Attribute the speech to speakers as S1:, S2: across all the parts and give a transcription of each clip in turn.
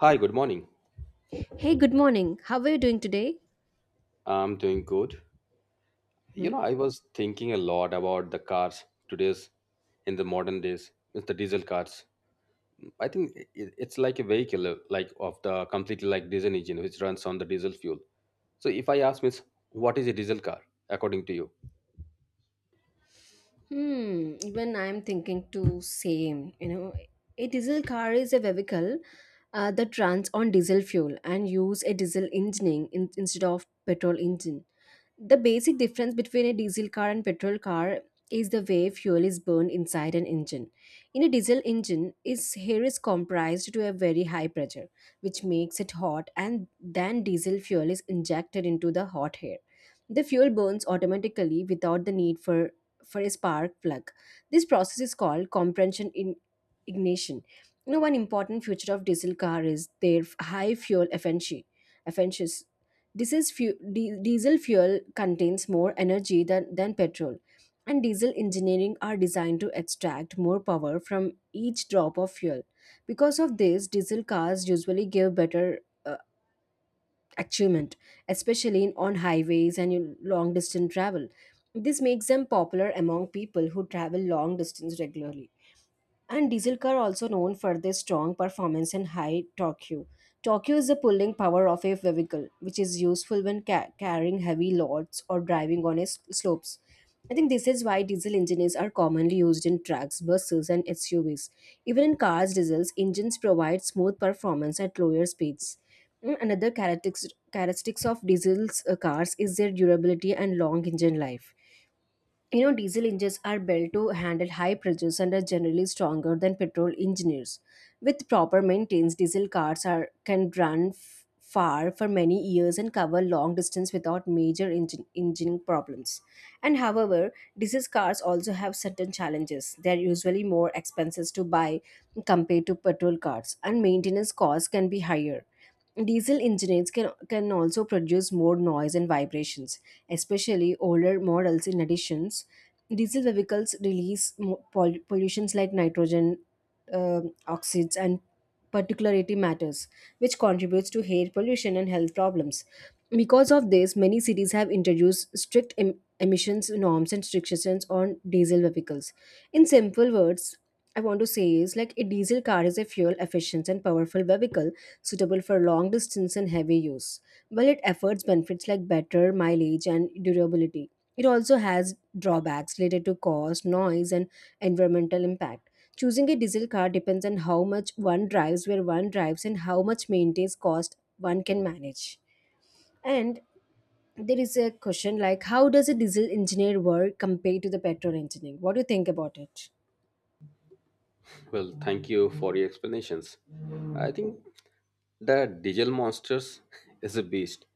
S1: Hi, good morning.
S2: Hey, good morning. How are you doing today?
S1: I'm doing good. You
S2: Hmm?
S1: know, I was thinking a lot about the cars today's in the modern days, it's the diesel cars. I think it's like a vehicle, like of the completely like diesel engine which runs on the diesel fuel. So, if I ask Miss, what is a diesel car according to you?
S2: Hmm, even I'm thinking to same. You know, a diesel car is a vehicle that runs on diesel fuel and use a diesel engine instead of petrol engine. The basic difference between a diesel car and petrol car is the way fuel is burned inside an engine. In a diesel engine, its air is compressed to a very high pressure, which makes it hot, and then diesel fuel is injected into the hot air. The fuel burns automatically without the need for a spark plug. This process is called compression in ignition. You know, one important feature of diesel car is their high fuel efficiency. Efficiency. Diesel fuel contains more energy than petrol, and diesel engineering are designed to extract more power from each drop of fuel. Because of this, diesel cars usually give better uh, achievement, especially on highways and in long distance travel. This makes them popular among people who travel long distance regularly. And diesel car also known for their strong performance and high torque. Torque is the pulling power of a vehicle, which is useful when carrying heavy loads or driving on slopes. I think this is why diesel engines are commonly used in trucks, buses, and SUVs. Even in cars, diesels engines provide smooth performance at lower speeds. Another characteristics of diesel cars is their durability and long engine life. You know, diesel engines are built to handle high pressures and are generally stronger than petrol engines. With proper maintenance, diesel cars are can run far for many years and cover long distance without major engine problems. And however, diesel cars also have certain challenges. They are usually more expensive to buy compared to petrol cars, and maintenance costs can be higher. Diesel engines can also produce more noise and vibrations, especially older models. In addition, diesel vehicles release pollutions like nitrogen oxides and particulate matters, which contributes to air pollution and health problems. Because of this, many cities have introduced strict emissions norms and restrictions on diesel vehicles. In simple words, I want to say is like a diesel car is a fuel efficient and powerful vehicle suitable for long distance and heavy use. While it affords benefits like better mileage and durability, it also has drawbacks related to cost, noise, and environmental impact. Choosing a diesel car depends on how much one drives, where one drives, and how much maintenance cost one can manage. And there is a question like how does a diesel engineer work compared to the petrol engineer? What do you think about it?
S1: Well, thank you for your explanations. I think the diesel monsters is a beast.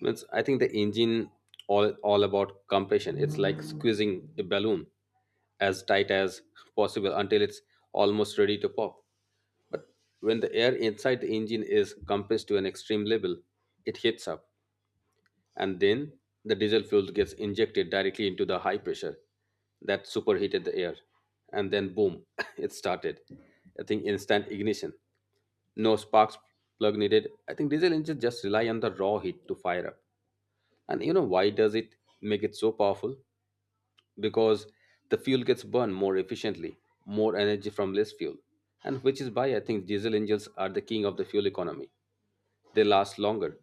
S1: Means I think the engine all about compression. It's like squeezing a balloon as tight as possible until it's almost ready to pop. But when the air inside the engine is compressed to an extreme level, it heats up, and then the diesel fuel gets injected directly into the high pressure that superheated the air. And then, boom, it started. I think instant ignition. No sparks plug needed. I think diesel engines just rely on the raw heat to fire up. And you know why does it make it so powerful? Because the fuel gets burned more efficiently, more energy from less fuel. And which is why I think diesel engines are the king of the fuel economy. They last longer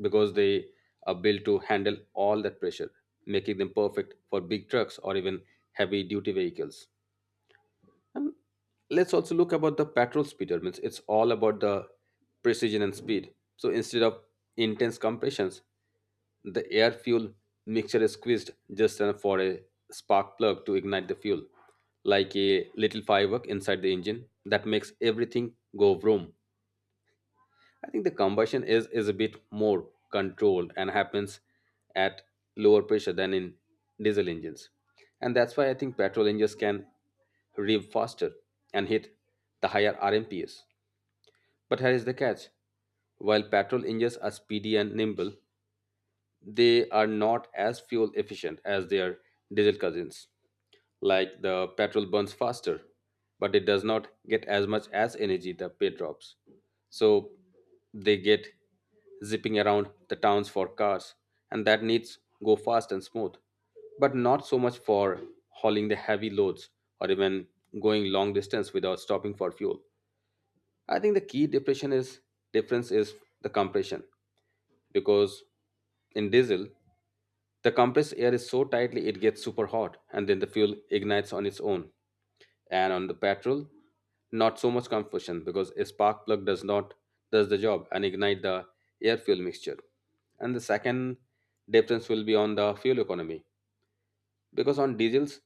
S1: because they are built to handle all that pressure, making them perfect for big trucks or even heavy duty vehicles. And let's also look about the petrol speeder. Means it's all about the precision and speed. So instead of intense compressions, the air fuel mixture is squeezed just enough for a spark plug to ignite the fuel, like a little firework inside the engine that makes everything go vroom. I think the combustion is a bit more controlled and happens at lower pressure than in diesel engines. And that's why I think petrol engines can rev faster and hit the higher RMPs. But here is the catch. While petrol engines are speedy and nimble, they are not as fuel efficient as their diesel cousins, like the petrol burns faster but it does not get as much as energy the pay drops. So they get zipping around the towns for cars and that needs go fast and smooth, but not so much for hauling the heavy loads or even going long distance without stopping for fuel. I think the key depression is difference is the compression, because in diesel the compressed air is so tightly it gets super hot and then the fuel ignites on its own. And on the petrol, not so much combustion because a spark plug does not does the job and ignite the air fuel mixture. And the second difference will be on the fuel economy, because on diesels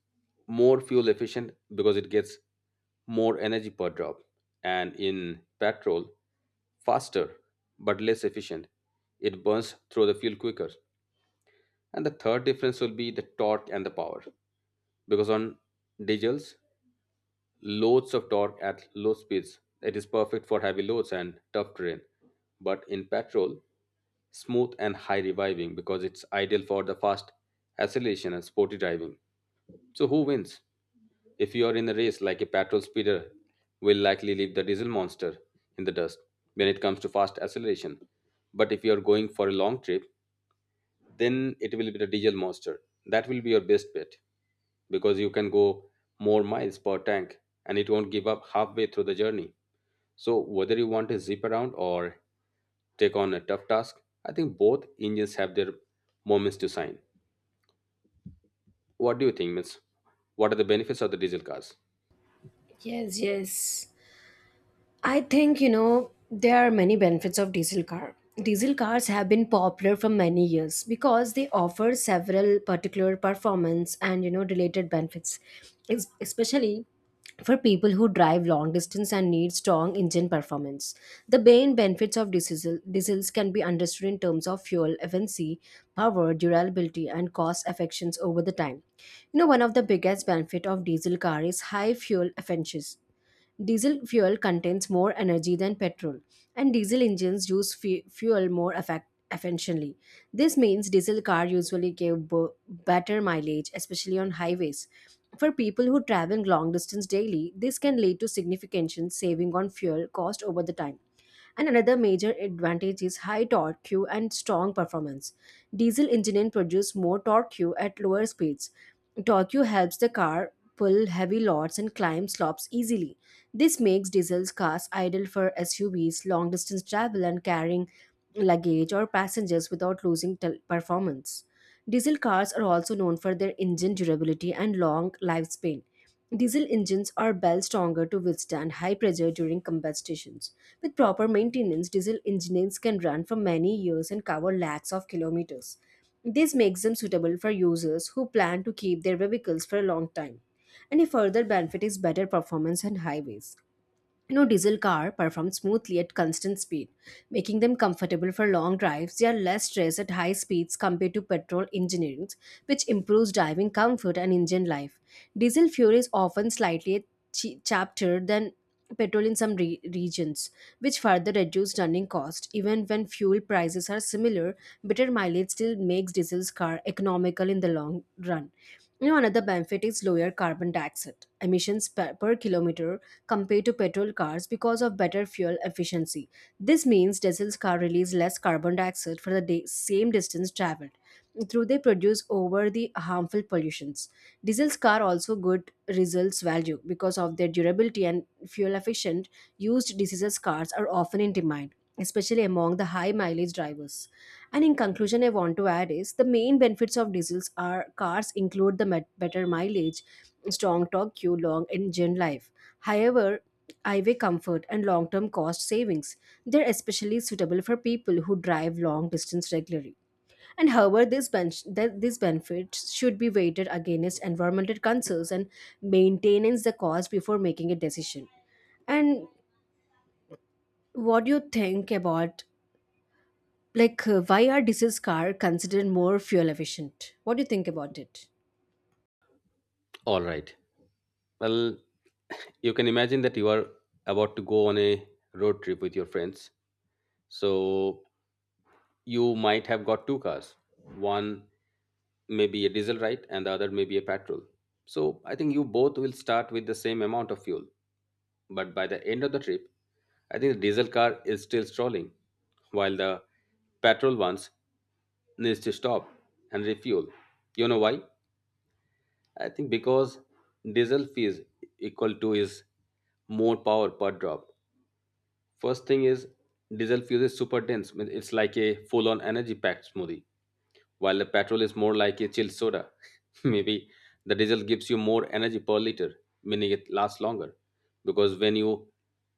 S1: more fuel efficient because it gets more energy per drop. And in petrol, faster but less efficient, it burns through the fuel quicker. And the third difference will be the torque and the power, because on diesels, loads of torque at low speeds. It is perfect for heavy loads and tough terrain. But in petrol, smooth and high reviving because it's ideal for the fast acceleration and sporty driving. So who wins? If you are in a race, like a petrol speeder will likely leave the diesel monster in the dust when it comes to fast acceleration. But if you are going for a long trip, then it will be the diesel monster. That will be your best bet because you can go more miles per tank and it won't give up halfway through the journey. So, whether you want to zip around or take on a tough task, I think both engines have their moments to shine. What do you think, Miss? What are the benefits of the diesel cars?
S2: Yes, yes. I think you know there are many benefits of diesel car. Diesel cars have been popular for many years because they offer several particular performance and you know related benefits, especially for people who drive long distance and need strong engine performance. The main benefits of diesels can be understood in terms of fuel efficiency, power, durability, and cost effections over the time. You know, one of the biggest benefit of diesel car is high fuel efficiency. Diesel fuel contains more energy than petrol, and diesel engines use fuel more efficiently. This means diesel cars usually give better mileage, especially on highways. For people who travel long distance daily, this can lead to significant saving on fuel cost over the time. And another major advantage is high torque and strong performance. Diesel engines produce more torque at lower speeds. Torque helps the car pull heavy loads and climb slopes easily. This makes diesel cars ideal for SUVs, long distance travel, and carrying luggage or passengers without losing performance. Diesel cars are also known for their engine durability and long lifespan. Diesel engines are well stronger to withstand high pressure during combustitions. With proper maintenance, diesel engines can run for many years and cover lakhs of kilometers. This makes them suitable for users who plan to keep their vehicles for a long time. And a further benefit is better performance on highways. No diesel car performs smoothly at constant speed, making them comfortable for long drives. They are less stressed at high speeds compared to petrol engines, which improves driving comfort and engine life. Diesel fuel is often slightly cheaper than petrol in some regions, which further reduces running cost. Even when fuel prices are similar, better mileage still makes diesel's car economical in the long run. You know, another benefit is lower carbon dioxide emissions per kilometer compared to petrol cars because of better fuel efficiency. This means diesel cars release less carbon dioxide for the same distance traveled. Through they produce over the harmful pollutions. Diesel cars also good results value because of their durability and fuel efficient used diesel cars are often in demand especially among the high mileage drivers. And in conclusion, I want to add is the main benefits of diesels are cars include the better mileage, strong torque, queue, long engine life. However, highway comfort and long-term cost savings. They're especially suitable for people who drive long distance regularly. And however, these benefits should be weighted against environmental concerns and maintenance the cost before making a decision. And what do you think about like, why are diesel cars considered more fuel efficient? What do you think about it?
S1: All right. Well, you can imagine that you are about to go on a road trip with your friends. So you might have got two cars, one may be a diesel right and the other may be a petrol. So I think you both will start with the same amount of fuel, but by the end of the trip I think the diesel car is still stalling while the petrol ones needs to stop and refuel. You know why? I think because diesel fees equal to is more power per drop. First thing is diesel fuel is super dense, mean, it's like a full on energy packed smoothie, while the petrol is more like a chilled soda. Maybe the diesel gives you more energy per liter, meaning it lasts longer. Because when you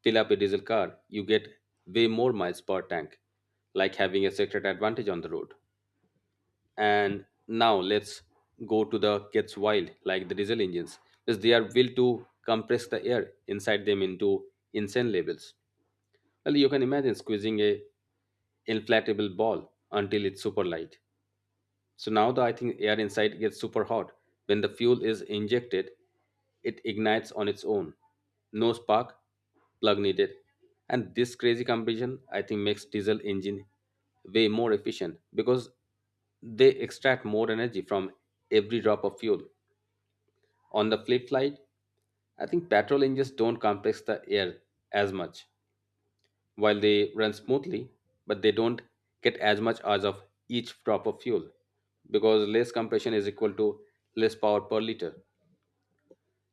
S1: fill up a diesel car, you get way more miles per tank, like having a secret advantage on the road. And now let's go to the gets wild, like the diesel engines, because they are built to compress the air inside them into insane levels. Well, you can imagine squeezing a inflatable ball until it's super light, so now the I think air inside gets super hot. When the fuel is injected, it ignites on its own. No spark, plug needed. And this crazy combination I think makes diesel engine way more efficient because they extract more energy from every drop of fuel. On the flip side, I think petrol engines don't compress the air as much while they run smoothly, but they don't get as much as of each drop of fuel, because less compression is equal to less power per liter.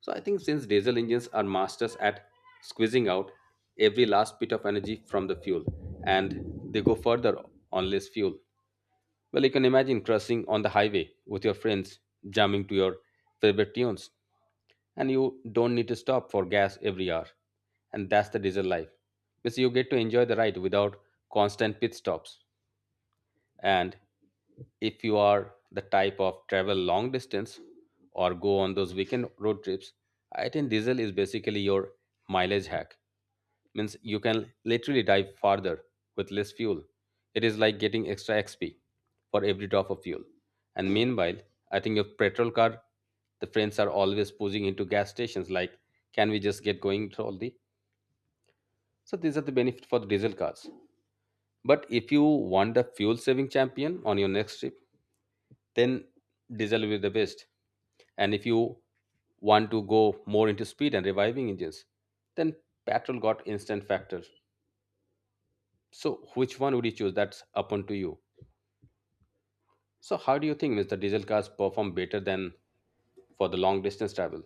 S1: So I think since diesel engines are masters at squeezing out every last bit of energy from the fuel, and they go further on less fuel. Well, you can imagine cruising on the highway with your friends jamming to your favorite tunes, and you don't need to stop for gas every hour. And that's the diesel life, because you get to enjoy the ride without constant pit stops. And if you are the type of travel long distance or go on those weekend road trips, I think diesel is basically your mileage hack. Means you can literally dive farther with less fuel. It is like getting extra XP for every drop of fuel. And meanwhile, I think your petrol car, the friends are always pushing into gas stations like, can we just get going to all the? So these are the benefits for the diesel cars. But if you want the fuel saving champion on your next trip, then diesel will be the best. And if you want to go more into speed and reviving engines, then petrol got instant factor. So which one would you choose? That's up on to you. So how do you think, mr diesel cars perform better than for the long distance travel?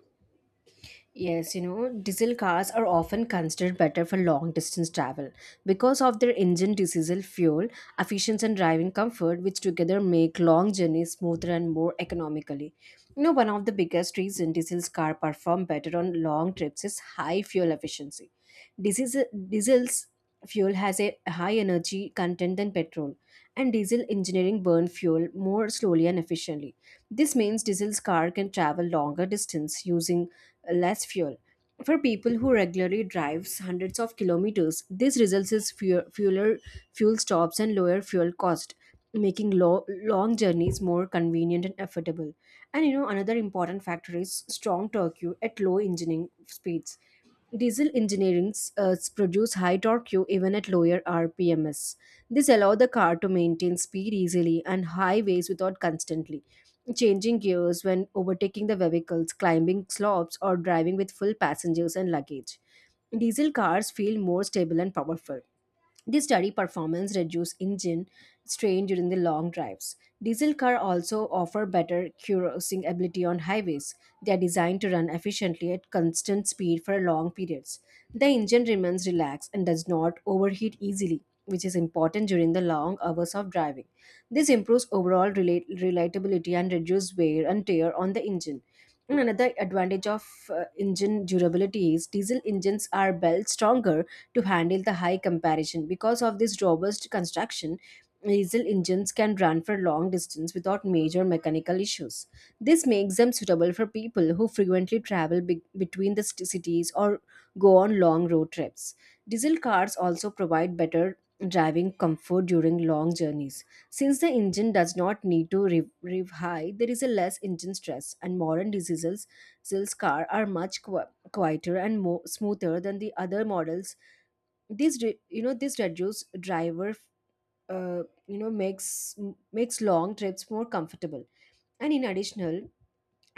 S2: Yes, you know, diesel cars are often considered better for long distance travel because of their engine diesel fuel efficiency and driving comfort, which together make long journeys smoother and more economically. You know, one of the biggest reasons diesel cars perform better on long trips is high fuel efficiency. Diesel, diesel's fuel has a high energy content than petrol and diesel engineering burn fuel more slowly and efficiently. This means diesel's car can travel longer distance using less fuel. For people who regularly drives hundreds of kilometers, this results in fuel stops and lower fuel cost, making long journeys more convenient and affordable. And you know another important factor is strong torque at low engine speeds. Diesel engines produce high torque even at lower RPMs. This allows the car to maintain speed easily and highways without constantly changing gears when overtaking the vehicles, climbing slopes, or driving with full passengers and luggage. Diesel cars feel more stable and powerful. This study performance reduces engine strain during the long drives. Diesel cars also offer better cruising ability on highways. They are designed to run efficiently at constant speed for long periods. The engine remains relaxed and does not overheat easily, which is important during the long hours of driving. This improves overall reliability and reduces wear and tear on the engine. And another advantage of engine durability is diesel engines are built stronger to handle the high comparison. Because of this robust construction, diesel engines can run for long distance without major mechanical issues. This makes them suitable for people who frequently travel between the cities or go on long road trips. Diesel cars also provide better driving comfort during long journeys. Since the engine does not need to rev high, there is a less engine stress, and modern diesels car are much quieter and more smoother than the other models. This this reduce driver makes long trips more comfortable. And in additional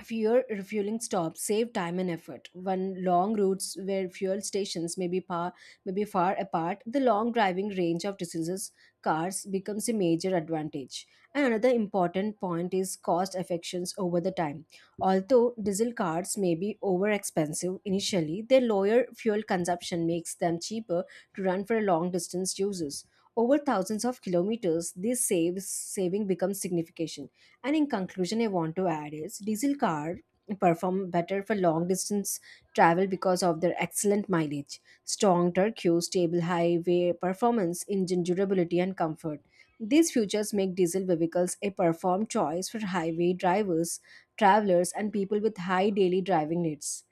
S2: fewer refueling stops save time and effort. When long routes where fuel stations may be far apart, the long driving range of distances cars becomes a major advantage. And another important point is cost effections over the time. Although diesel cars may be over expensive initially, their lower fuel consumption makes them cheaper to run for long distance users. Over thousands of kilometers, this saves saving becomes significant. And in conclusion, I want to add is diesel car perform better for long distance travel because of their excellent mileage, strong turbo, stable highway performance, engine durability, and comfort. These features make diesel vehicles a perform choice for highway drivers, travelers, and people with high daily driving needs.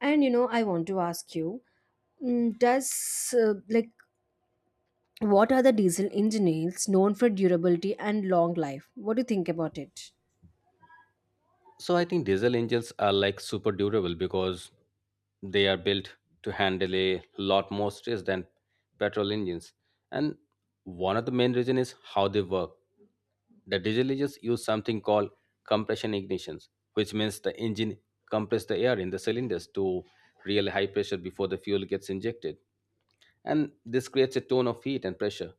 S2: And you know, I want to ask you, does like what are the diesel engines known for durability and long life? What do you think about it?
S1: So I think diesel engines are like super durable because they are built to handle a lot more stress than petrol engines. And one of the main reason is how they work. The diesel engines use something called compression ignitions, which means the engine compresses the air in the cylinders to real high pressure before the fuel gets injected, and this creates a tone of heat and pressure.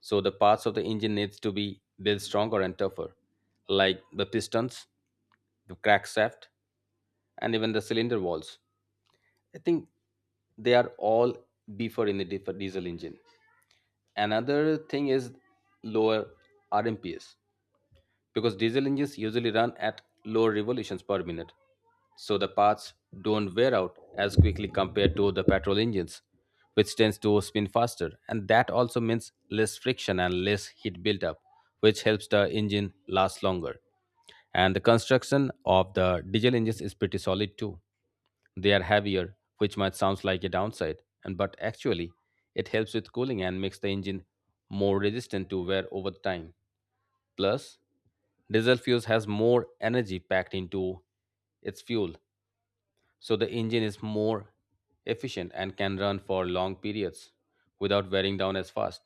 S1: So the parts of the engine needs to be built stronger and tougher, like the pistons, the crankshaft, and even the cylinder walls. I think they are all beefer in the diesel engine. Another thing is lower RMPs because diesel engines usually run at lower revolutions per minute, so the parts don't wear out as quickly compared to the petrol engines, which tends to spin faster. And that also means less friction and less heat buildup, which helps the engine last longer. And the construction of the diesel engines is pretty solid too, they are heavier, which might sound like a downside, and but actually, it helps with cooling and makes the engine more resistant to wear over time. Plus, diesel fuel has more energy packed into its fuel, so the engine is more efficient and can run for long periods without wearing down as fast.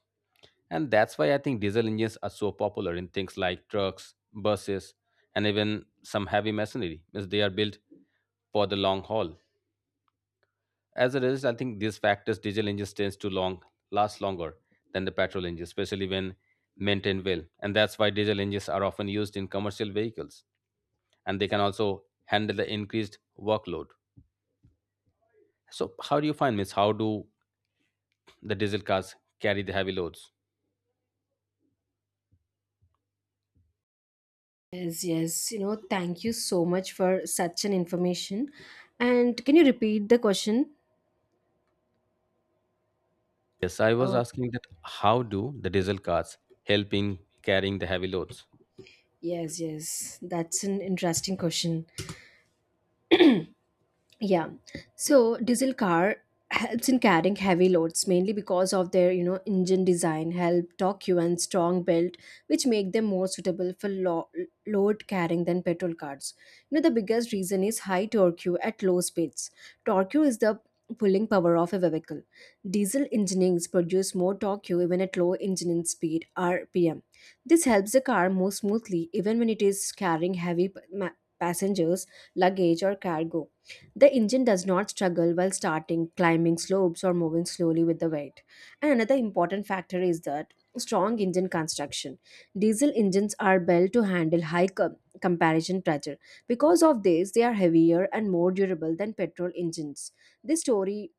S1: And that's why I think diesel engines are so popular in things like trucks, buses, and even some heavy machinery, as they are built for the long haul. As a result, I think these factors diesel engines tends to long last longer than the petrol engines, especially when maintained well. And that's why diesel engines are often used in commercial vehicles, and they can also handle the increased workload. So, how do you find, Miss? How do the diesel cars carry the heavy loads?
S2: Yes, yes. You know, thank you so much for such an information. And can you repeat the question?
S1: Yes, I was
S2: Oh,
S1: asking that how do the diesel cars help in carrying the heavy loads?
S2: yes, yes. That's an interesting question. Yeah. So diesel car helps in carrying heavy loads mainly because of their, you know, engine design, help, torque and strong build, which make them more suitable for load carrying than petrol cars. You know, the biggest reason is high torque at low speeds. Torque is the pulling power of a vehicle. Diesel engines produce more torque even at low engine speed (RPM). This helps the car move smoothly even when it is carrying heavy passengers, luggage, or cargo. The engine does not struggle while starting, climbing slopes, or moving slowly with the weight. And another important factor is that strong engine construction. Diesel engines are built to handle high comparison pressure. Because of this, they are heavier and more durable than petrol engines. This story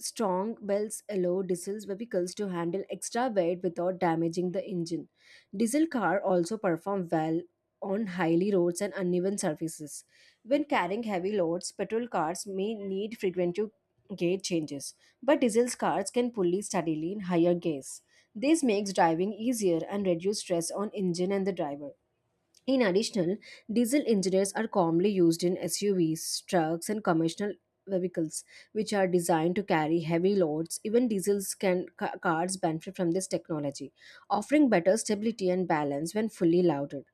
S2: strong belts allow diesel vehicles to handle extra weight without damaging the engine. Diesel cars also perform well on hilly roads and uneven surfaces. When carrying heavy loads, petrol cars may need frequent gear changes, but diesel cars can pulley steadily in higher gears. This makes driving easier and reduce stress on engine and the driver. In addition, diesel engines are commonly used in SUVs, trucks, and commercial vehicles, which are designed to carry heavy loads. Even diesels cars benefit from this technology, offering better stability and balance when fully loaded.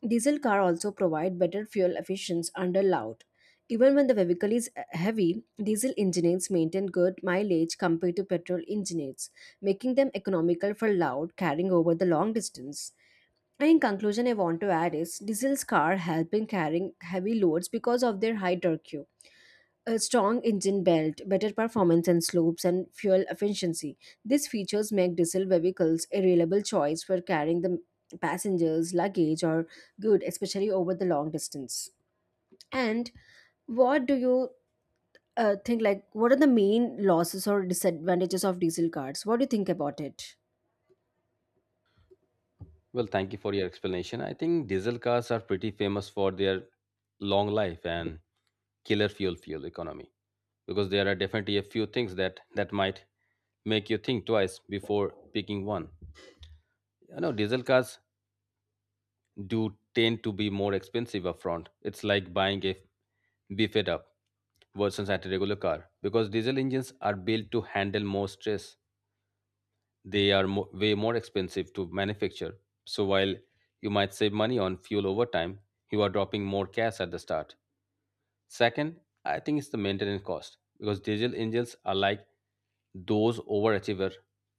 S2: Diesel car also provide better fuel efficiency under load. Even when the vehicle is heavy, diesel engines maintain good mileage compared to petrol engines, making them economical for load carrying over the long distance. And in conclusion, I want to add is diesels car help in carrying heavy loads because of their high torque, a strong engine belt, better performance and slopes, and fuel efficiency. These features make diesel vehicles a reliable choice for carrying the passengers, luggage, or good, especially over the long distance. And what do you think? Like, what are the main losses or disadvantages of diesel cars? What do you think about it?
S1: Well, thank you for your explanation. I think diesel cars are pretty famous for their long life and killer fuel economy, because there are definitely a few things that might make you think twice before picking one. You know, diesel cars do tend to be more expensive upfront. It's like buying a beefed up version at a regular car, because diesel engines are built to handle more stress. They are way more expensive to manufacture. So while you might save money on fuel over time, you are dropping more cash at the start. Second, I think it's the maintenance cost, because diesel engines are like those overachiever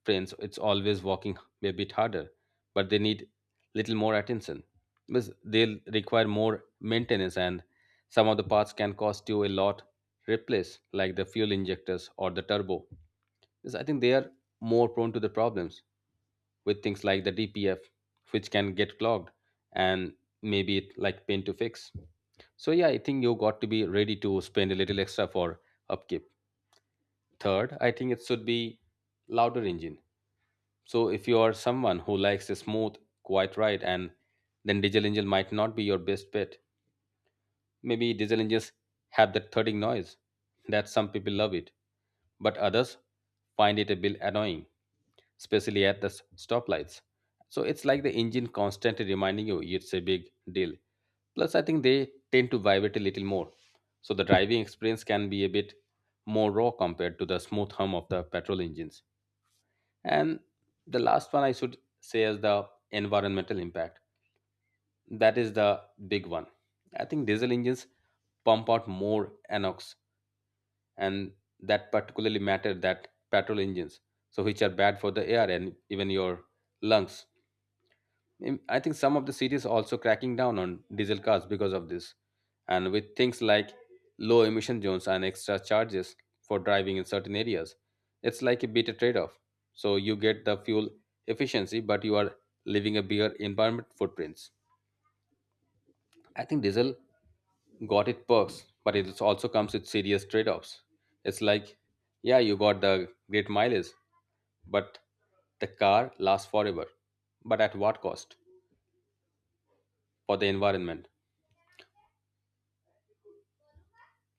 S1: friends. It's always working a bit harder, but they need little more attention, because they'll require more maintenance, and some of the parts can cost you a lot. Replace like the fuel injectors or the turbo, because I think they are more prone to the problems with things like the DPF, which can get clogged, and maybe it like pain to fix. So yeah, I think you got to be ready to spend a little extra for upkeep. Third, I think it should be louder engine. So if you are someone who likes a smooth, quiet ride, and then diesel engine might not be your best bet. Maybe diesel engines have that thudding noise that some people love it, but others find it a bit annoying, especially at the stoplights. So it's like the engine constantly reminding you it's a big deal. Plus, I think they tend to vibrate a little more, so the driving experience can be a bit more raw compared to the smooth hum of the petrol engines. And the last one I should say is the environmental impact. That is the big one. I think diesel engines pump out more NOx, and that particularly matter that petrol engines, so which are bad for the air and even your lungs. Mm, I think some of the cities are also cracking down on diesel cars because of this, and with things like low emission zones and extra charges for driving in certain areas, it's like a bit trade-off. So you get the fuel efficiency, but you are leaving a bigger environment footprints. I think diesel got it perks, but it is- also comes with serious trade-offs. It's like, yeah, you got the great mileage, but the car lasts forever. But at what cost for the environment?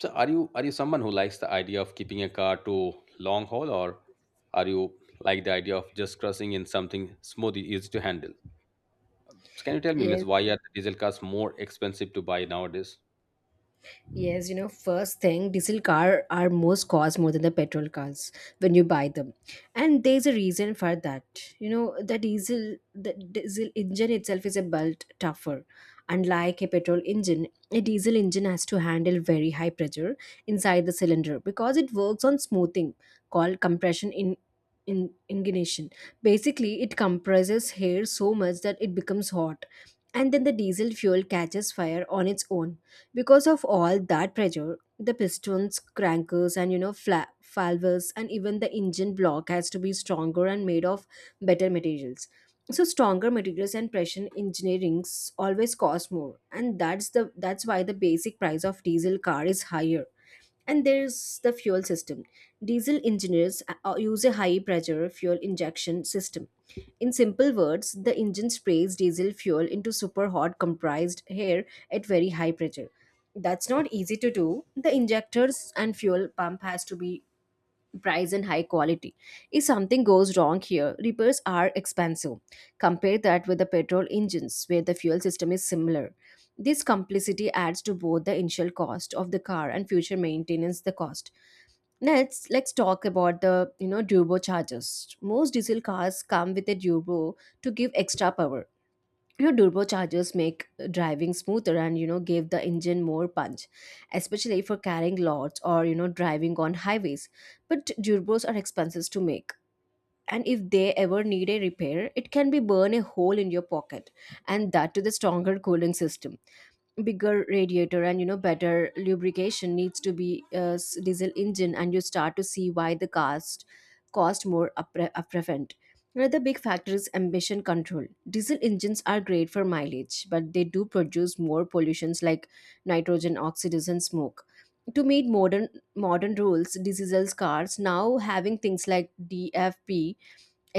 S1: So are you someone who likes the idea of keeping a car to long haul, or are you like the idea of just crushing in something smooth easy to handle? So can you tell me, Miss,
S2: Yes,
S1: why are the diesel cars more expensive to buy nowadays?
S2: Yes, you know, first thing, diesel car are most cost more than the petrol cars when you buy them, and there's a reason for that. You know, the diesel engine itself is a built tougher. Unlike a petrol engine, a diesel engine has to handle very high pressure inside the cylinder because it works on smoothing, called compression in ignition. Basically, it compresses air so much that it becomes hot, and then the diesel fuel catches fire on its own because of all that pressure, the pistons, crankers, and you know, valves, and even the engine block has to be stronger and made of better materials. So stronger materials and pressure engineerings always cost more, and that's why the basic price of diesel car is higher, and there's the fuel system. Diesel engines use a high pressure fuel injection system. In simple words, the engine sprays diesel fuel into super hot compressed air at very high pressure. That's not easy to do. The injectors and fuel pump has to be price and high quality. If something goes wrong here, repairs are expensive. Compare that with the petrol engines, where the fuel system is similar. This complexity adds to both the initial cost of the car and future maintenance the cost. Next, let's talk about the, you know, turbochargers. Most diesel cars come with a turbo to give extra power. Your turbochargers make driving smoother and, you know, give the engine more punch, especially for carrying loads or, you know, driving on highways. But turbos are expensive to make, and if they ever need a repair, it can be burn a hole in your pocket, and that to the stronger cooling system, bigger radiator, and, you know, better lubrication needs to be a diesel engine and you start to see why the cost more upfront. Another big factor is emission control. Diesel engines are great for mileage, but they do produce more pollutions like nitrogen oxides and smoke. To meet modern rules, diesel cars now having things like dfp,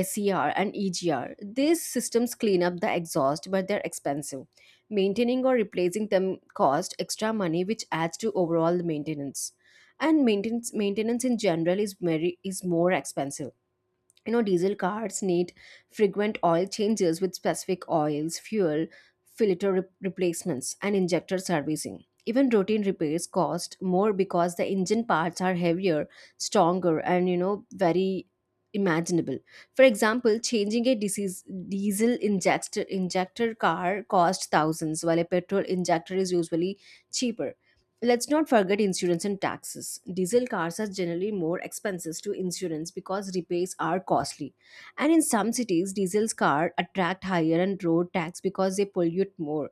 S2: SER, and EGR. These systems clean up the exhaust, but they're expensive. Maintaining or replacing them cost extra money, which adds to overall maintenance. And maintenance in general is very is more expensive. You know, diesel cars need frequent oil changes with specific oils, fuel filter replacements, and injector servicing. Even routine repairs cost more because the engine parts are heavier, stronger, and, you know, very imaginable. For example, changing a diesel injector car costs thousands, while a petrol injector is usually cheaper. Let's not forget insurance and taxes. Diesel cars are generally more expensive to insurance because repairs are costly. And in some cities, diesel cars attract higher and road tax because they pollute more.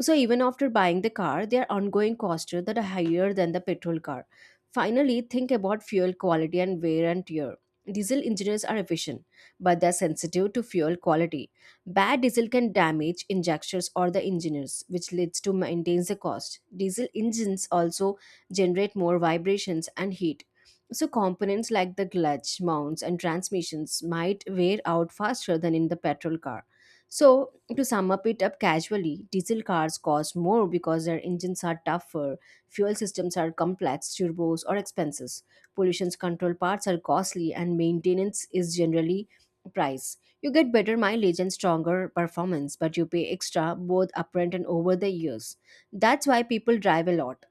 S2: So even after buying the car, their ongoing costs are that are higher than the petrol car. Finally, think about fuel quality and wear and tear. Diesel engines are efficient, but they're sensitive to fuel quality. Bad diesel can damage injectors or the engines, which leads to maintains the cost. Diesel engines also generate more vibrations and heat. So components like the clutch, mounts, and transmissions might wear out faster than in the petrol car. So, to sum up it up casually, diesel cars cost more because their engines are tougher, fuel systems are complex, turbos are expensive, pollution control parts are costly, and maintenance is generally price. You get better mileage and stronger performance, but you pay extra both upfront and over the years. That's why people drive a lot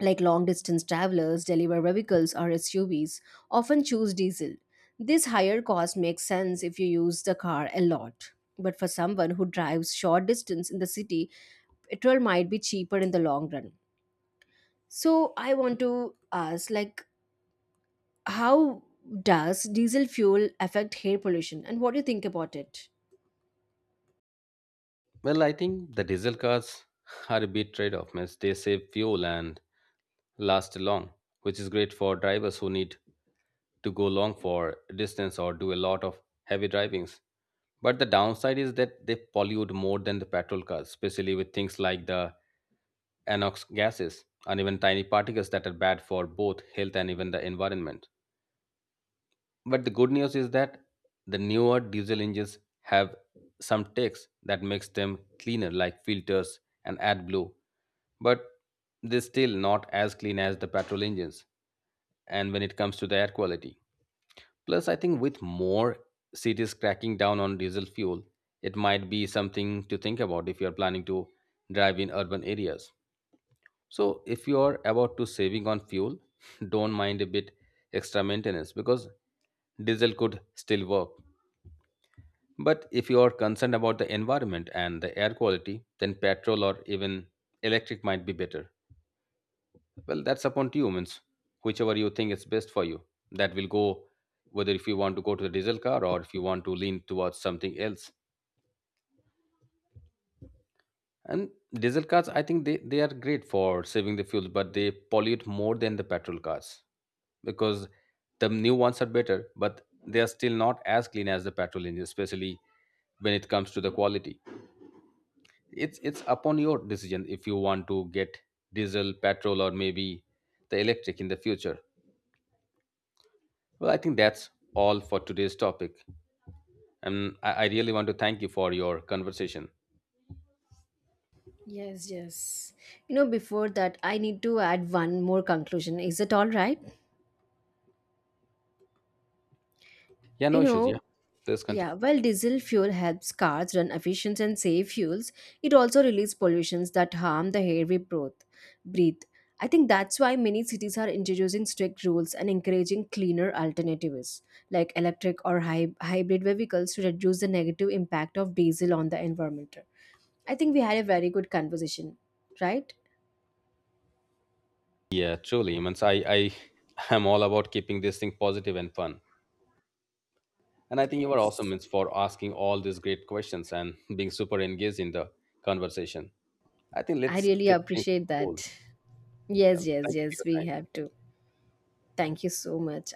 S2: like long distance travelers, deliver vehicles, or SUVs, often choose diesel. This higher cost makes sense if you use the car a lot. But for someone who drives short distance in the city, petrol might be cheaper in the long run. So I want to ask, like, how does diesel fuel affect air pollution, and what do you think about it?
S1: Well, I think the diesel cars are a big trade-off, Miss. They save fuel and last long, which is great for drivers who need to go long for distance or do a lot of heavy drivings. But the downside is that they pollute more than the petrol cars, especially with things like the Anox gases, and even tiny particles that are bad for both health and even the environment. But the good news is that the newer diesel engines have some techs that makes them cleaner, like filters and AdBlue, but they're still not as clean as the petrol engines. And when it comes to the air quality, plus I think with more cities cracking down on diesel fuel, it might be something to think about if you're planning to drive in urban areas. So if you are about to saving on fuel, don't mind a bit extra maintenance, because diesel could still work. But if you are concerned about the environment and the air quality, then petrol or even electric might be better. Well, that's upon to you, means whichever you think is best for you. That will go whether if you want to go to the diesel car or if you want to lean towards something else. And diesel cars, I think they are great for saving the fuel, but they pollute more than the petrol cars, because the new ones are better, but they are still not as clean as the petrol engine, especially when it comes to the quality. It's upon your decision if you want to get diesel, petrol, or maybe the electric in the future. Well, I think that's all for today's topic. And I really want to thank you for your conversation.
S2: Yes, yes. You know, before that, I need to add one more conclusion. Is it all right?
S1: Yeah,
S2: You
S1: no issues. Yeah.
S2: know,
S1: Please continue.
S2: yeah, while diesel fuel helps cars run efficient and save fuels, it also releases pollutions that harm the air we breathe. I think that's why many cities are introducing strict rules and encouraging cleaner alternatives like electric or hybrid vehicles to reduce the negative impact of diesel on the environment. I think we had a very good conversation, right?
S1: Yeah, truly. Means I am all about keeping this thing positive and fun. And I think you are awesome
S2: Yes.
S1: means for asking all these great questions and being super engaged in the conversation. I think
S2: I
S1: let's
S2: really
S1: tip things
S2: appreciate
S1: cool.
S2: that. Yes,
S1: Well,
S2: yes,
S1: thank you for
S2: yes, we
S1: your time.
S2: have to. Thank you so much.